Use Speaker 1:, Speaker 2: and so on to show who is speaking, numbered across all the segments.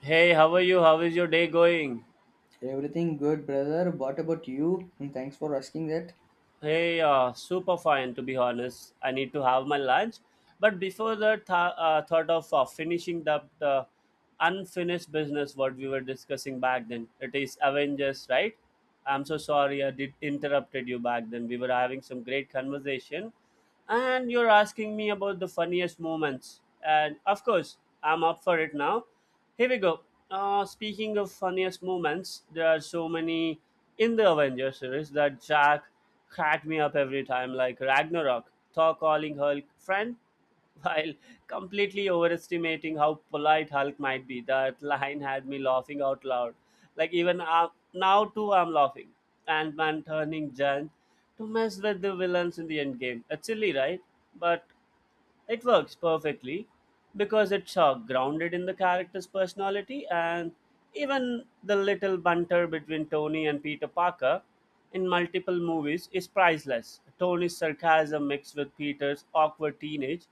Speaker 1: Hey, how are you? How is your day going?
Speaker 2: Everything good, brother. What about you? And thanks for asking that.
Speaker 1: Hey, super fine to be honest. I need to have my lunch. But before that, thought of finishing that unfinished business what we were discussing back then. It is Avengers, right? I'm so sorry I did interrupted you back then. We were having some great conversation, and you're asking me about the funniest moments. And of course, I'm up for it now. Here we go. Speaking of funniest moments, there are so many in the Avengers series that Jack cracked me up every time, like Ragnarok, Thor calling Hulk friend while completely overestimating how polite Hulk might be. That line had me laughing out loud. Like even now too, I'm laughing. Ant-Man turning giant to mess with the villains in the end game. It's silly, right? But it works perfectly because it's grounded in the character's personality and even the little banter between Tony and Peter Parker in multiple movies is priceless. Tony's sarcasm mixed with Peter's awkward teenage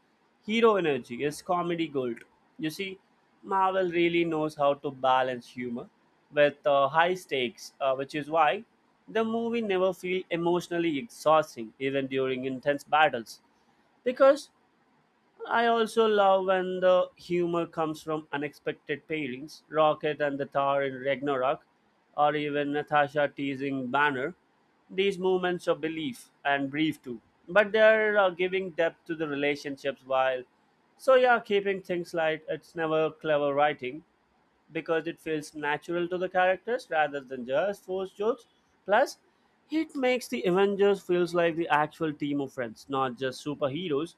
Speaker 1: hero energy is comedy gold. You see, Marvel really knows how to balance humor with high stakes, which is why the movie never feels emotionally exhausting even during intense battles because I also love when the humor comes from unexpected pairings, Rocket and the Thor in Ragnarok, or even Natasha teasing Banner. These moments of belief and brief too, but they are giving depth to the relationships while. So yeah, keeping things light, it's never clever writing because it feels natural to the characters rather than just forced jokes. Plus, it makes the Avengers feels like the actual team of friends, not just superheroes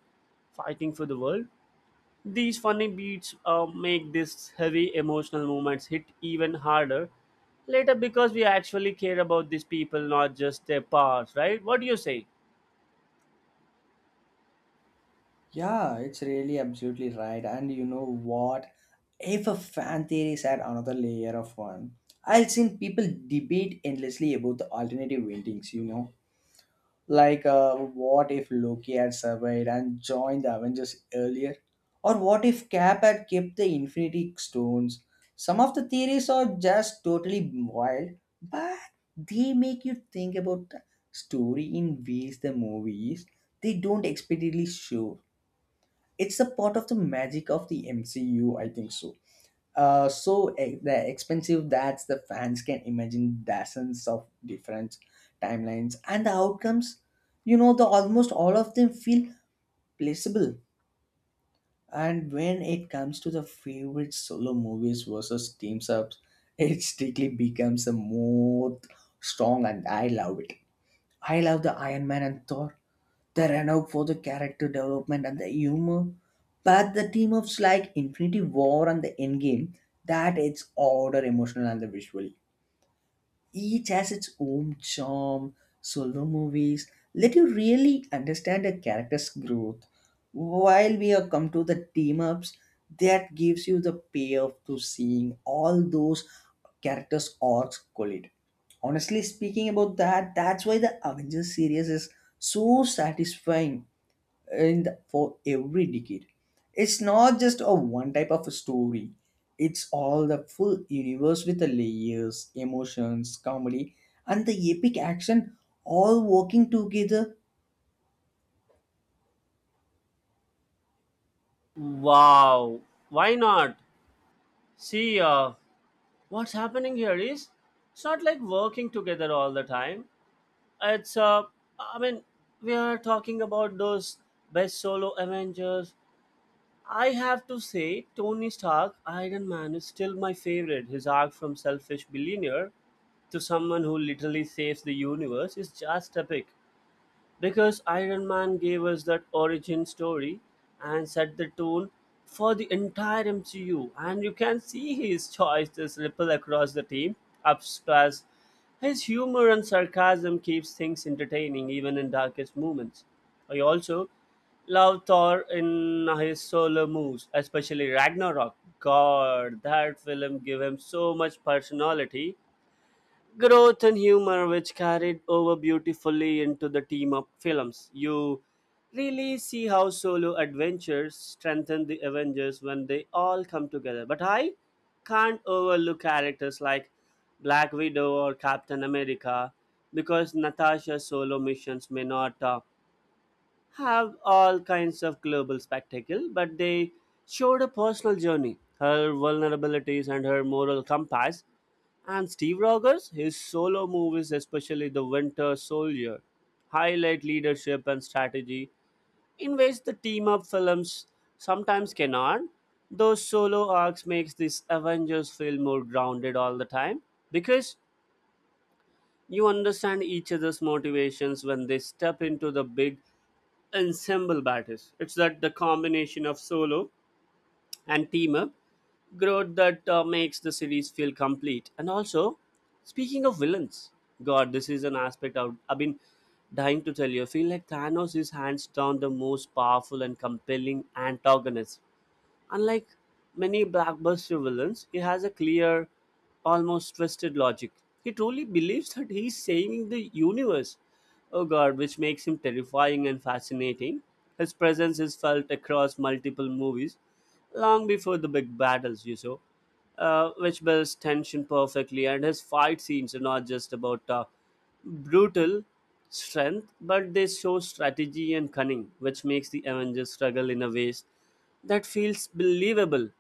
Speaker 1: fighting for the world. These funny beats make these heavy emotional moments hit even harder later because we actually care about these people, not just their powers, right? What do you say?
Speaker 2: Yeah, it's really absolutely right. And you know what? If a fan theories add another layer of fun, I've seen people debate endlessly about the alternative endings, you know. What if Loki had survived and joined the Avengers earlier? Or what if Cap had kept the Infinity Stones? Some of the theories are just totally wild, but they make you think about the story in ways the movies they don't explicitly show. It's a part of the magic of the MCU, I think so so the expensive that the fans can imagine dozens of different timelines and the outcomes, you know, the almost all of them feel placeable. And when it comes to the favorite solo movies versus teams ups, it strictly becomes a more strong and I love it. I love the Iron Man and Thor the are for the character development and the humor, but the team ups like Infinity War and the Endgame, that it's order emotional and the visual. Each has its own charm. Solo movies let you really understand a character's growth. While we are come to the team ups, that gives you the payoff to seeing all those characters' arcs collide. Honestly speaking about that, that's why the Avengers series is so satisfying, and for every decade. It's not just a one type of a story. It's all the full universe with the layers, emotions, comedy, and the epic action all working together.
Speaker 1: Wow, why not? See, what's happening here is it's not like working together all the time. It's I mean, we are talking about those best solo Avengers. I have to say, Tony Stark, Iron Man is still my favorite. His arc from selfish billionaire to someone who literally saves the universe is just epic because Iron Man gave us that origin story and set the tone for the entire MCU. And you can see his choices ripple across the team, upstairs. His humor and sarcasm keeps things entertaining even in darkest moments. I also love Thor in his solo moves, especially Ragnarok. God, that film gave him so much personality growth and humor which carried over beautifully into the team up films. You really see how solo adventures strengthen the Avengers when they all come together. But I can't overlook characters like Black Widow or Captain America because Natasha's solo missions may not have all kinds of global spectacle, but they showed a personal journey, her vulnerabilities and her moral compass. And Steve Rogers, his solo movies, especially The Winter Soldier, highlight leadership and strategy in ways the team up films sometimes cannot. Those solo arcs makes this Avengers feel more grounded all the time because you understand each other's motivations when they step into the big ensemble battles. It's that the combination of solo and team up growth that makes the series feel complete. And also, speaking of villains, God, this is an aspect I've been dying to tell you. I feel like Thanos is hands down the most powerful and compelling antagonist. Unlike many blockbuster villains, he has a clear, almost twisted logic. He truly believes that he's saving the universe. Oh god, which makes him terrifying and fascinating. His presence is felt across multiple movies long before the big battles, you saw, which builds tension perfectly. And his fight scenes are not just about brutal strength, but they show strategy and cunning, which makes the Avengers struggle in a ways that feels believable.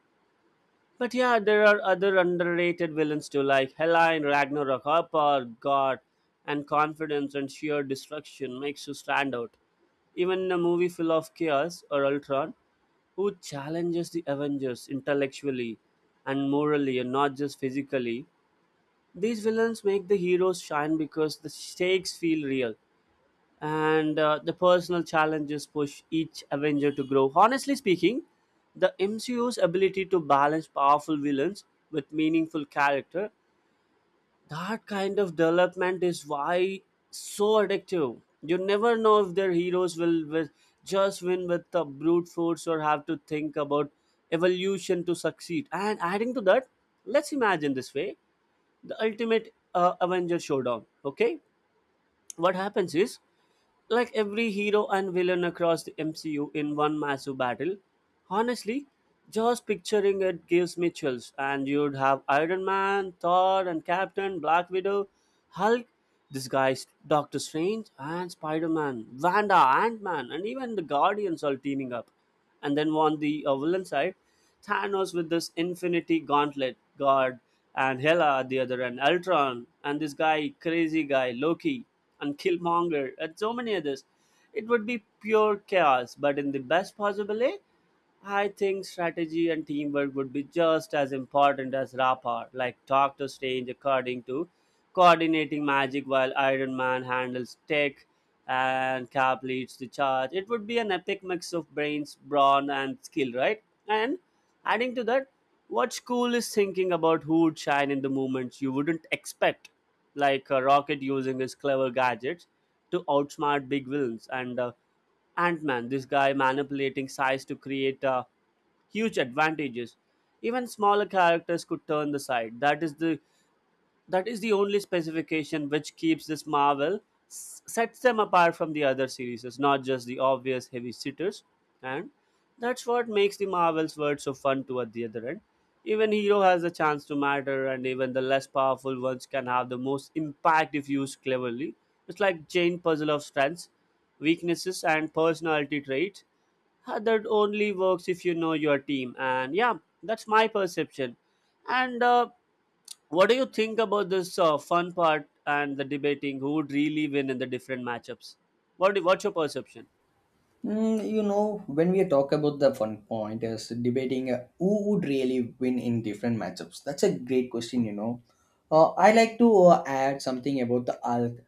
Speaker 1: But yeah, there are other underrated villains too, like Helline, Ragnarok, Harper, God, and confidence and sheer destruction makes you stand out. Even in a movie full of chaos or Ultron, who challenges the Avengers intellectually and morally and not just physically, these villains make the heroes shine because the stakes feel real and the personal challenges push each Avenger to grow. Honestly speaking, the MCU's ability to balance powerful villains with meaningful character, that kind of development is why so addictive. You never know if their heroes will just win with the brute force or have to think about evolution to succeed. And adding to that, let's imagine this way the ultimate Avenger showdown. Okay, what happens is like every hero and villain across the MCU in one massive battle. Honestly, just picturing it gives me chills. And you'd have Iron Man, Thor, and Captain, Black Widow, Hulk, this guy's Doctor Strange, and Spider Man, Wanda, Ant Man, and even the Guardians all teaming up. And then on the villain side, Thanos with this infinity gauntlet god, and Hela at the other end, Ultron, and this guy, crazy guy, Loki, and Killmonger, and so many others. It would be pure chaos, but in the best possible way, I think strategy and teamwork would be just as important as rapport, like Doctor Strange according to coordinating magic while Iron Man handles tech and Cap leads the charge. It would be an epic mix of brains, brawn and skill, right? And adding to that, what's cool is thinking about who would shine in the moments you wouldn't expect, like Rocket using his clever gadgets to outsmart big villains and Ant-Man, this guy manipulating size to create huge advantages. Even smaller characters could turn the side. That is the only specification which keeps this marvel sets them apart from the other series. It's not just the obvious heavy sitters, and that's what makes the marvel's world so fun. To at the other end, even hero has a chance to matter, and even the less powerful ones can have the most impact if used cleverly. It's like chain puzzle of strengths, weaknesses and personality traits, that only works if you know your team. And yeah, that's my perception. And what do you think about this fun part and the debating who would really win in the different matchups? What's your perception?
Speaker 2: Mm, you know, when we talk about the fun point is debating who would really win in different matchups. That's a great question, you know. I like to add something about the Hulk,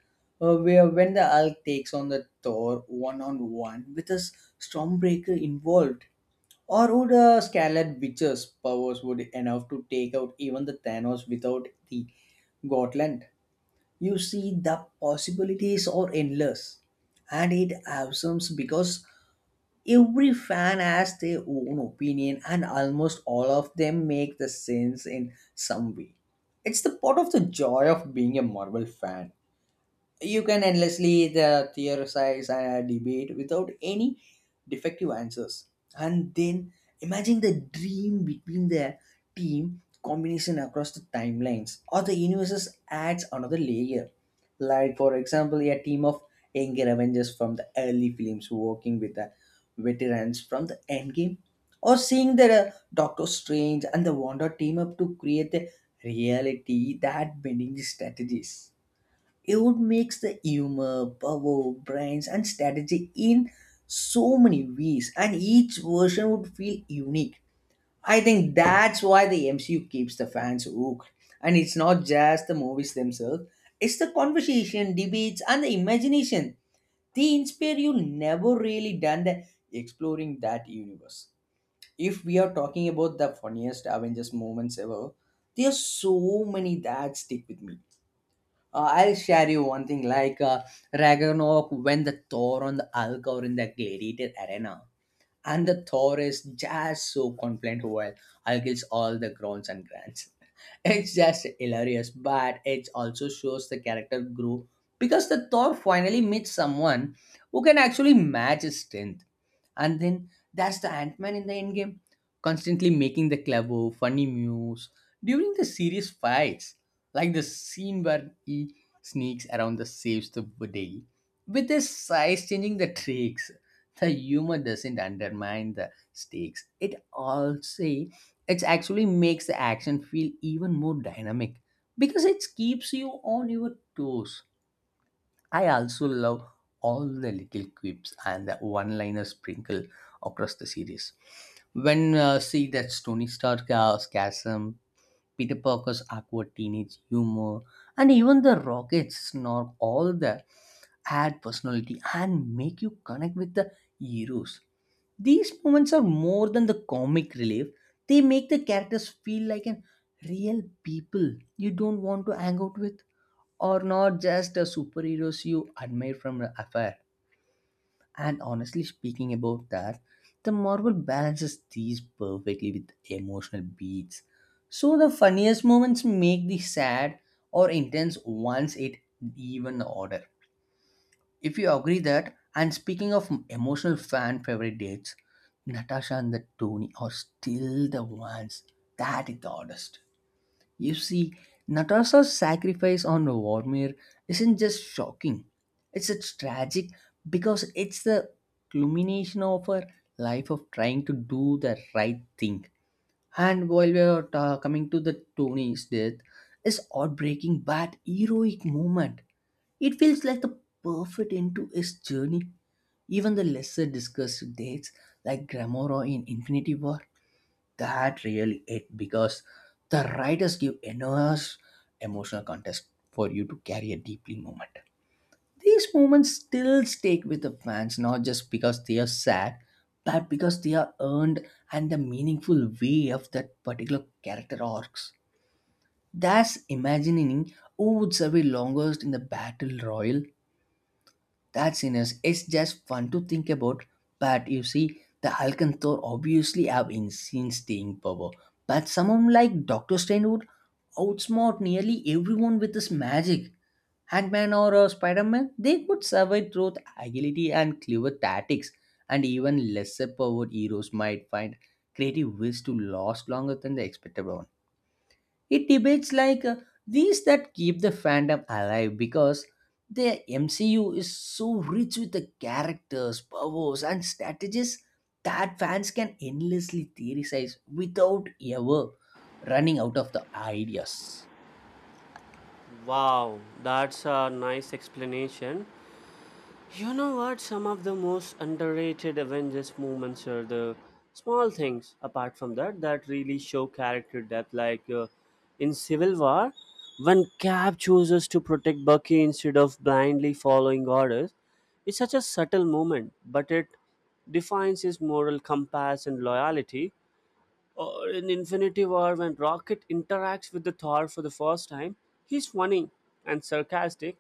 Speaker 2: where when the Hulk takes on the Thor one on one with a Stormbreaker involved, or would Scarlet Witch's powers would enough to take out even the Thanos without the Gotland? You see, the possibilities are endless, and it awesome because every fan has their own opinion and almost all of them make the sense in some way. It's the part of the joy of being a Marvel fan. You can endlessly the theorize and debate without any defective answers. And then imagine the dream between the team combination across the timelines or the universes adds another layer, like for example a team of younger Avengers from the early films working with the veterans from the Endgame, or seeing the Doctor Strange and the Wanda team up to create a reality that bending the strategies. It would mix the humor, power, brains, and strategy in so many ways, and each version would feel unique. I think that's why the MCU keeps the fans hooked, and it's not just the movies themselves; it's the conversation, debates, and the imagination. They inspire you. Never really done the exploring that universe. If we are talking about the funniest Avengers moments ever, there are so many that stick with me. I'll share you one thing, like Ragnarok, when the Thor on the Alcor in the gladiator arena. And the Thor is just so confident while Algil's all the groans and grants. It's just hilarious, but it also shows the character grew because the Thor finally meets someone who can actually match his strength. And then that's the Ant Man in the Endgame, constantly making the clever, funny moves during the serious fights, like the scene where he sneaks around the saves the day. With his size changing the tricks, the humor doesn't undermine the stakes. It also it actually makes the action feel even more dynamic because it keeps you on your toes. I also love all the little quips and the one liner sprinkle across the series. When see that Tony Stark scasm, Peter Parker's awkward teenage humor, and even the Rocket's snark, all the add personality and make you connect with the heroes. These moments are more than the comic relief, they make the characters feel like an real people you don't want to hang out with, or not just the superheroes you admire from afar. And honestly speaking about that, the Marvel balances these perfectly with emotional beats. So the funniest moments make the sad or intense ones it even order. If you agree that, and speaking of emotional fan favorite dates, Natasha and the Tony are still the ones that is the oddest. You see, Natasha's sacrifice on Vormir isn't just shocking, it's tragic because it's the culmination of her life of trying to do the right thing. And while we are coming to the Tony's death, is heartbreaking but heroic moment. It feels like the perfect end to his journey. Even the lesser discussed deaths like Gamora in Infinity War, that really it because the writers give enormous emotional context for you to carry a deeply moment. These moments still stick with the fans not just because they are sad, but because they are earned and the meaningful way of that particular character arcs. Thus, imagining who would survive longest in the battle royal, that's enough. It's just fun to think about. But you see, the Alcanthor obviously have insane staying power. But someone like Doctor Strange would outsmart nearly everyone with his magic. Hangman or Spider-Man, they could survive through the agility and clever tactics. And even lesser powered heroes might find creative ways to last longer than the expected one. It debates like these that keep the fandom alive because the MCU is so rich with the characters, powers, and strategies that fans can endlessly theorize without ever running out of the ideas.
Speaker 1: Wow, that's a nice explanation. You know what? Some of the most underrated Avengers moments are the small things apart from that that really show character depth. Like in Civil War, when Cap chooses to protect Bucky instead of blindly following orders, it's such a subtle moment, but it defines his moral compass and loyalty. Or in Infinity War, when Rocket interacts with the Thor for the first time, he's funny and sarcastic,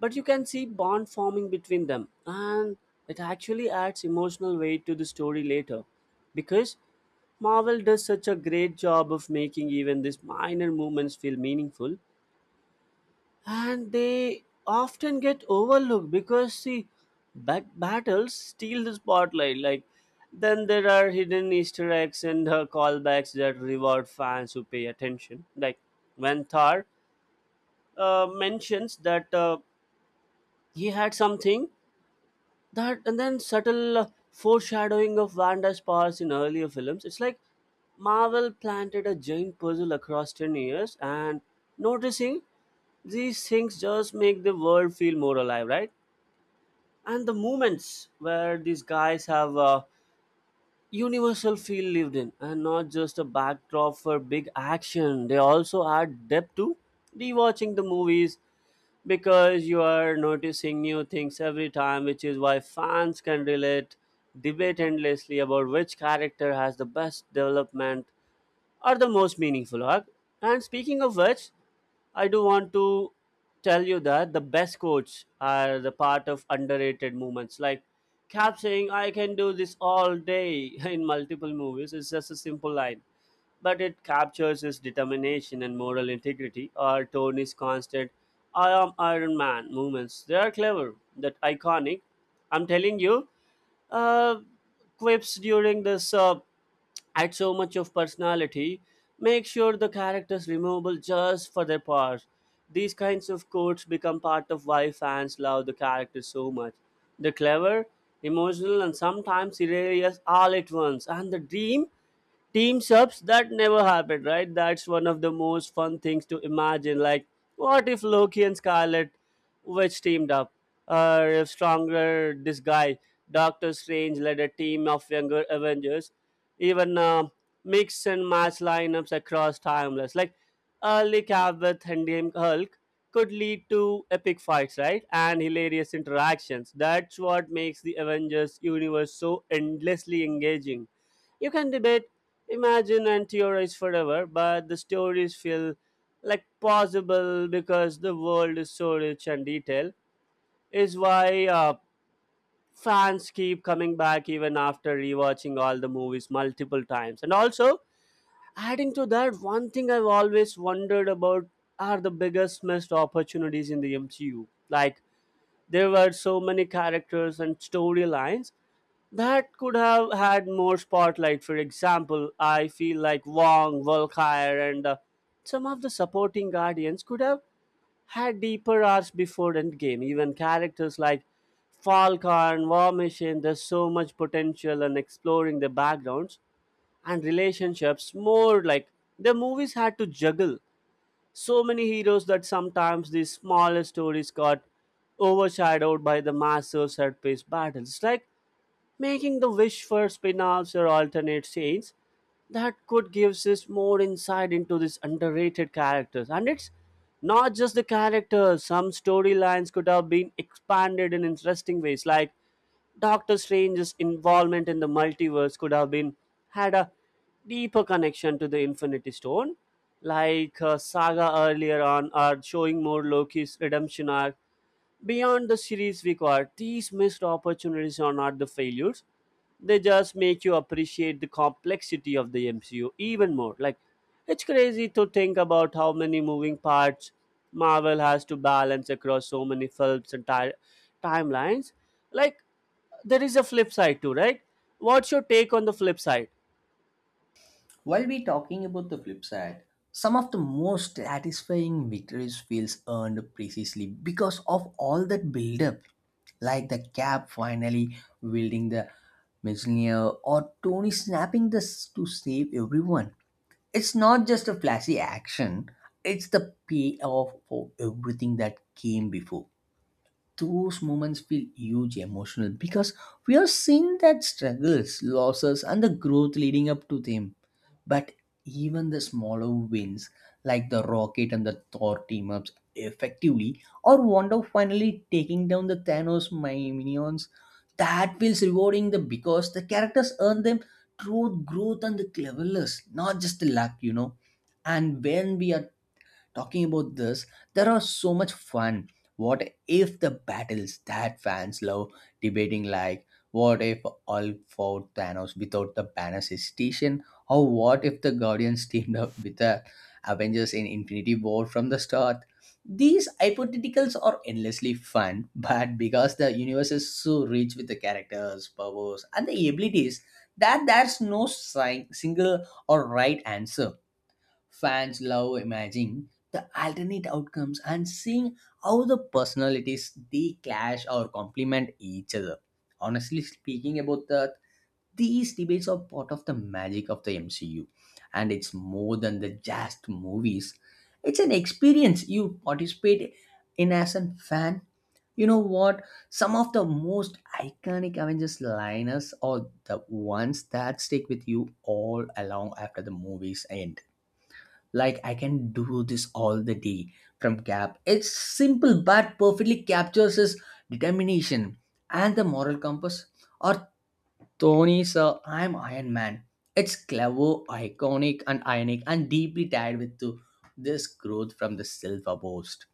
Speaker 1: but you can see bond forming between them and it actually adds emotional weight to the story later because marvel does such a great job of making even these minor movements feel meaningful and they often get overlooked because the battles steal the spotlight. Like then there are hidden easter eggs and callbacks that reward fans who pay attention, like when thor mentions that he had something. That and then subtle foreshadowing of Wanda's powers in earlier films. It's like Marvel planted a giant puzzle across 10 years and noticing these things just make the world feel more alive, right? And the moments where these guys have a universal feel lived in and not just a backdrop for big action, they also add depth to rewatching the movies because you are noticing new things every time, which is why fans can relate, debate endlessly about which character has the best development or the most meaningful arc. And speaking of which, I do want to tell you that the best quotes are the part of underrated moments. Like Cap saying, I can do this all day in multiple movies, is just a simple line but it captures his determination and moral integrity or Tony's constant I am Iron Man movements. They are clever, that iconic. I'm telling you, uh, quips during this add so much of personality. Make sure the characters removable just for their parts. These kinds of quotes become part of why fans love the characters so much. They're clever, emotional, and sometimes hilarious all at once. And the dream team subs that never happened, right? That's one of the most fun things to imagine. Like, what if Loki and Scarlet which teamed up. Stronger this guy, Doctor Strange led a team of younger Avengers, even mix and match lineups across timeless. Like early cap with Endgame Hulk could lead to epic fights, right? And hilarious interactions. That's what makes the Avengers universe so endlessly engaging. You can debate, imagine, and theorize forever, but the stories feel like possible because the world is so rich and detailed. Is why fans keep coming back even after rewatching all the movies multiple times. And also, adding to that, one thing I've always wondered about are the biggest missed opportunities in the MCU. Like there were so many characters and storylines that could have had more spotlight. For example, I feel like Wong, Volkire, and some of the supporting guardians could have had deeper arcs before Endgame. Even characters like Falcon, War Machine, there's so much potential in exploring their backgrounds and relationships more like the movies had to juggle so many heroes that sometimes these smaller stories got overshadowed by the massive set-piece battles. Like making the wish for spin-offs or alternate scenes that could give us more insight into these underrated characters. And it's not just the characters. Some storylines could have been expanded in interesting ways, like Doctor Strange's involvement in the multiverse could have been had a deeper connection to the Infinity Stone, like Saga earlier on, are showing more Loki's redemption arc. Beyond the series we these missed opportunities are not the failures. They just make you appreciate the complexity of the MCU even more. Like, it's crazy to think about how many moving parts Marvel has to balance across so many films and timelines. Like, there is a flip side too, right? What's your take on the flip side?
Speaker 2: While we talking about the flip side, some of the most satisfying victories feels earned precisely because of all that build-up, like the Cap finally wielding the Mjolnir or Tony snapping this to save everyone. It's not just a flashy action; it's the payoff for everything that came before. Those moments feel huge emotional because we are seeing that struggles, losses, and the growth leading up to them. But even the smaller wins, like the Rocket and the Thor team ups, effectively, or Wanda finally taking down the Thanos minions, that feels rewarding the because the characters earn them through growth and the cleverness, not just the luck, you know. And when we are talking about this, there are so much fun what if the battles that fans love debating, like what if all fought Thanos without the Banner's hesitation, or what if the Guardians teamed up with the Avengers in Infinity War from the start. These hypotheticals are endlessly fun but because the universe is so rich with the characters powers and the abilities that there's no single or right answer. Fans love imagining the alternate outcomes and seeing how the personalities they clash or complement each other. Honestly speaking about that, these debates are part of the magic of the MCU, and it's more than the just movies. It's an experience you participate in as a fan. You know what? Some of the most iconic Avengers liners are the ones that stick with you all along after the movies end, like I can do this all the day from Gap. It's simple but perfectly captures his determination and the moral compass. Or Tony, sir, I'm Iron Man. It's clever, iconic, and ionic, and deeply tied with to this growth from the silver boast.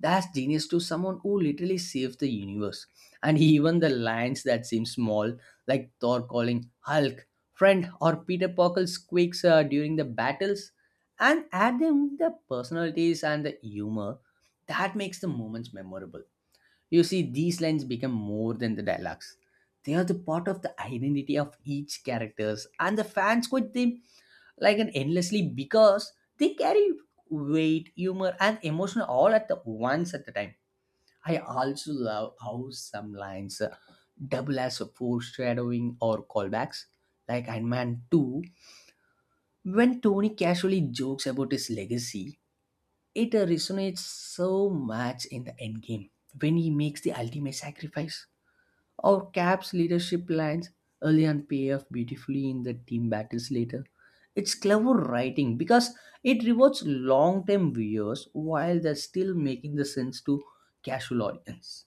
Speaker 2: That's genius to someone who literally saved the universe. And even the lines that seem small, like Thor calling Hulk friend, or Peter Parker's quakes during the battles, and add them the personalities and the humor that makes the moments memorable. You see, these lines become more than the dialogues. They are the part of the identity of each characters, and the fans quote them like an endlessly because they carry weight, humor, and emotion all at the once at the time. I also love how some lines double as a foreshadowing or callbacks, like Iron Man 2. When Tony casually jokes about his legacy, it resonates so much in the Endgame when he makes the ultimate sacrifice, or Cap's leadership lines early and pay off beautifully in the team battles later. It's clever writing because it rewards long-term viewers while they're still making the sense to casual audience.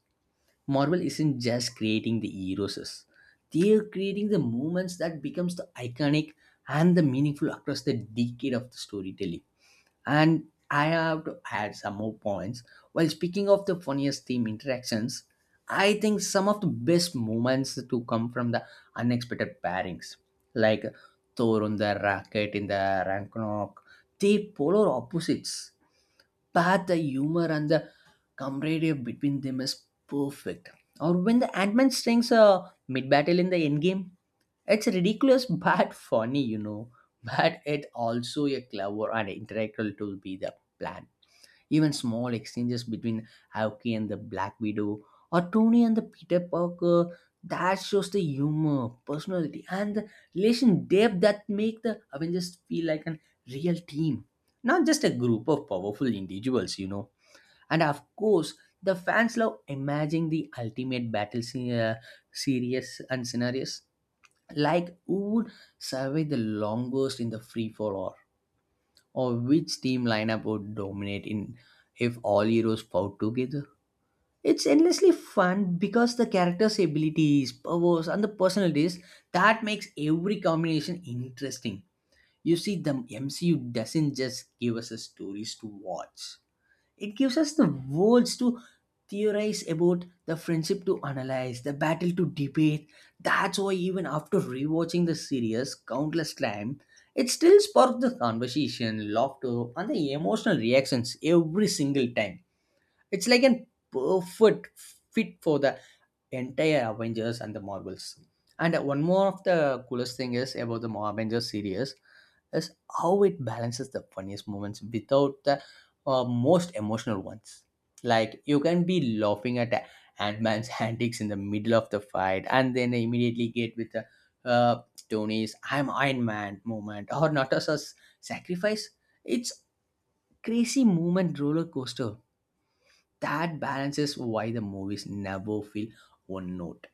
Speaker 2: Marvel isn't just creating the heroes; they're creating the moments that becomes the iconic and the meaningful across the decade of the storytelling. And I have to add some more points. While speaking of the funniest team interactions, I think some of the best moments to come from the unexpected pairings, like Thor on the racket in the Ragnarok. They polar opposites, but the humor and the camaraderie between them is perfect. Or when the Ant-Man strings a mid-battle in the Endgame, it's ridiculous but funny, you know. But it also a clever and integral to be the plan. Even small exchanges between Aoki and the Black Widow or Tony and the Peter Parker, that shows the humor, personality, and the relation depth that make the Avengers feel like a real team, not just a group of powerful individuals, you know. And of course, the fans love imagining the ultimate battle scene, series and scenarios, like who would survive the longest in the free fall, all, or which team lineup would dominate in if all heroes fought together. It's endlessly fun because the characters abilities powers and the personalities that makes every combination interesting. You see, the MCU doesn't just give us a stories to watch, it gives us the words to theorize about the friendship to analyze, the battle to debate. That's why even after rewatching the series countless times, it still sparks the conversation, laughter, and the emotional reactions every single time. It's like a perfect fit for the entire Avengers and the Marvels. And one more of the coolest thing is about the Avengers series is how it balances the funniest moments without the most emotional ones. Like you can be laughing at Ant-Man's antics in the middle of the fight and then immediately get with the uh, Tony's I'm Iron Man moment or Natasha's sacrifice. It's crazy moment roller coaster that balances why the movies never feel one note.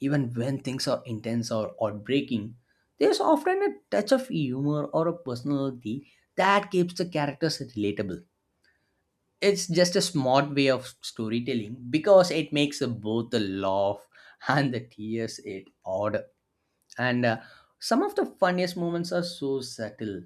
Speaker 2: Even when things are intense or heartbreaking, there's often a touch of humor or a personality that keeps the characters relatable. It's just a smart way of storytelling because it makes both the laugh and the tears it odd. And some of the funniest moments are so subtle,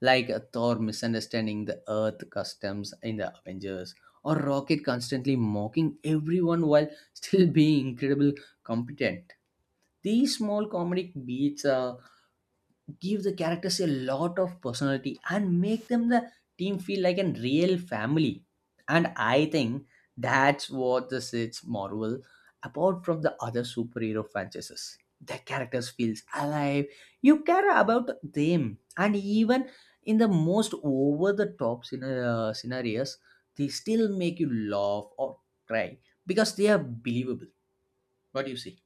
Speaker 2: like Thor misunderstanding the Earth customs in the Avengers, or Rocket constantly mocking everyone while still being incredible competent. These small comedic beats give the characters a lot of personality and make them the team feel like a real family. And I think that's what this is Marvel apart from the other superhero franchises. The characters feels alive. You care about them, and even in the most over-the-top scenarios, they still make you laugh or cry because they are believable. What do you see?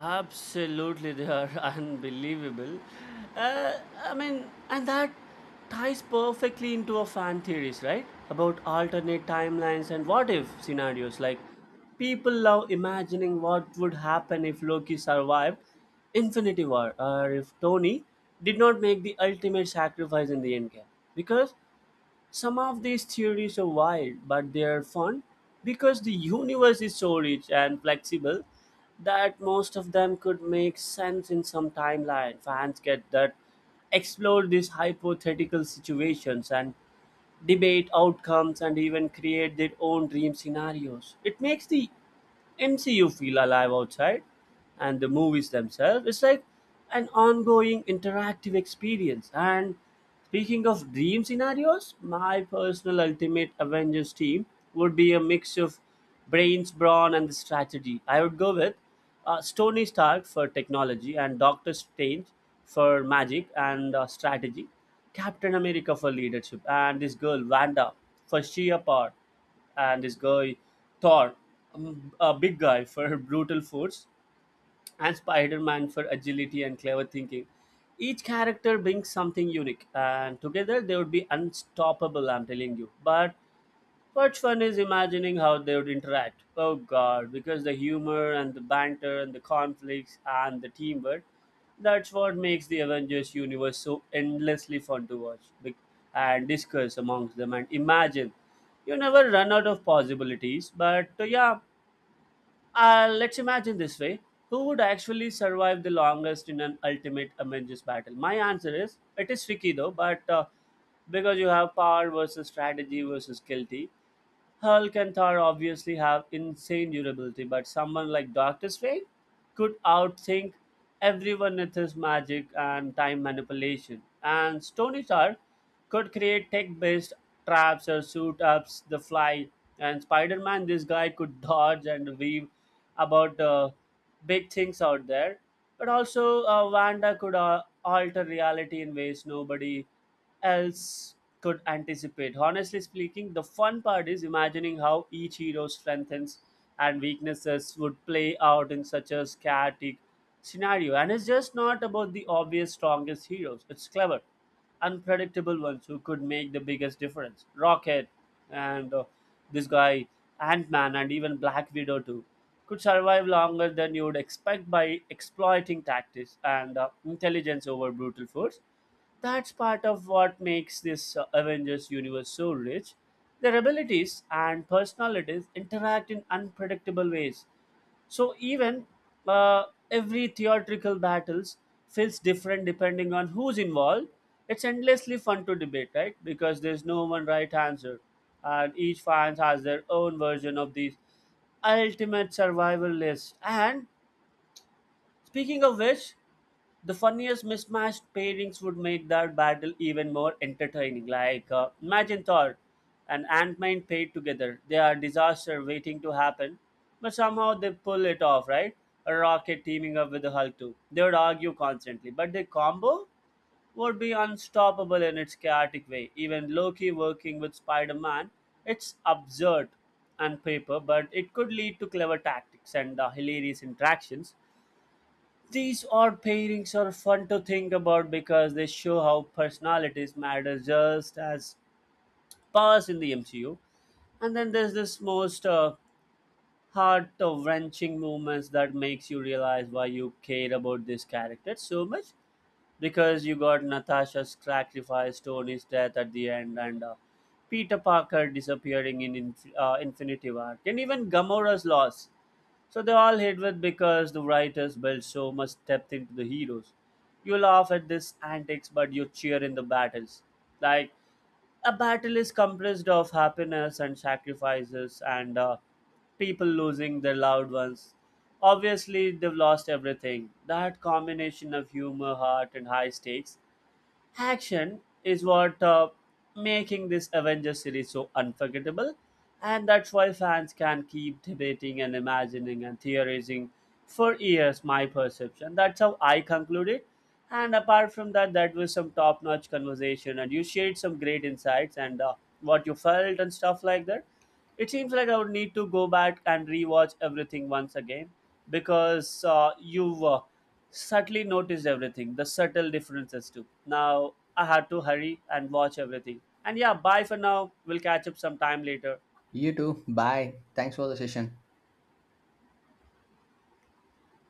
Speaker 1: Absolutely, they are unbelievable. I mean, and that ties perfectly into our fan theories, right? About alternate timelines and what if scenarios. Like, people love imagining what would happen if Loki survived Infinity War or if Tony did not make the ultimate sacrifice in the endgame. Because some of these theories are wild, but they are fun because the universe is so rich and flexible that most of them could make sense in some timeline. Fans get that explore these hypothetical situations and debate outcomes, and even create their own dream scenarios. It makes the MCU feel alive outside and the movies themselves. It's like an ongoing interactive experience. And speaking of dream scenarios, my personal ultimate Avengers team would be a mix of brains, brawn, and the strategy. I would go with Tony Stark for technology and Doctor Strange for magic and strategy, Captain America for leadership, and this girl Wanda for sheer power, and this guy Thor, a big guy for brutal force, and Spider-Man for agility and clever thinking. Each character brings something unique, and together they would be unstoppable. I'm telling you, but what's fun is imagining how they would interact. Oh god, because the humor and the banter and the conflicts and the teamwork, that's what makes the Avengers universe so endlessly fun to watch and discuss amongst them and imagine. You never run out of possibilities, but yeah, let's imagine this way. Who would actually survive the longest in an ultimate Avengers battle? My answer is it is tricky though, but because you have power versus strategy versus guilty. Hulk and Thor obviously have insane durability, but someone like Doctor Strange could outthink everyone with his magic and time manipulation. And Stony Star could create tech based traps or suit ups the fly. And Spider Man, this guy could dodge and weave about big things out there. But also, Wanda could alter reality in ways nobody else could anticipate. Honestly speaking, the fun part is imagining how each hero's strengths and weaknesses would play out in such a chaotic scenario. And it's just not about the obvious strongest heroes, it's clever, unpredictable ones who could make the biggest difference. Rocket and this guy, Ant Man, and even Black Widow, too. Could survive longer than you would expect by exploiting tactics and intelligence over brutal force that's part of what makes this Avengers universe so rich. Their abilities and personalities interact in unpredictable ways. So even uh, every theatrical battles feels different depending on who's involved. It's endlessly fun to debate, right? Because there's no one right answer, and each fan has their own version of these ultimate survival list. And speaking of which, the funniest mismatched pairings would make that battle even more entertaining. Like, imagine Thor and Ant-Man paired together. They are disaster waiting to happen, but somehow they pull it off, right? A rocket teaming up with the Hulk too. They would argue constantly, but their combo would be unstoppable in its chaotic way. Even Loki working with Spider-Man, it's absurd on paper, but it could lead to clever tactics and hilarious interactions these odd pairings are fun to think about because they show how personalities matter just as powers in the MCU. And then there's this most heart-wrenching moments that makes you realize why you care about this character so much. Because you got Natasha's sacrifice, Tony's death at the end, and Peter Parker disappearing in Infinity War, and even Gamora's loss. So they all hit with because the writers built so much depth into the heroes. You laugh at this antics, but you cheer in the battles. Like a battle is comprised of happiness and sacrifices and people losing their loved ones. Obviously, they've lost everything. That combination of humor, heart, and high stakes action is what making this avengers series so unforgettable and that's why fans can keep debating and imagining and theorizing for years my perception that's how I concluded. And apart from that, that was some top-notch conversation and you shared some great insights and what you felt and stuff like that. It seems like I would need to go back and rewatch everything once again because you subtly noticed everything, the subtle differences too. Now I had to hurry and watch everything. And yeah, bye for now. We'll catch up sometime later.
Speaker 2: You too. Bye. Thanks for the session.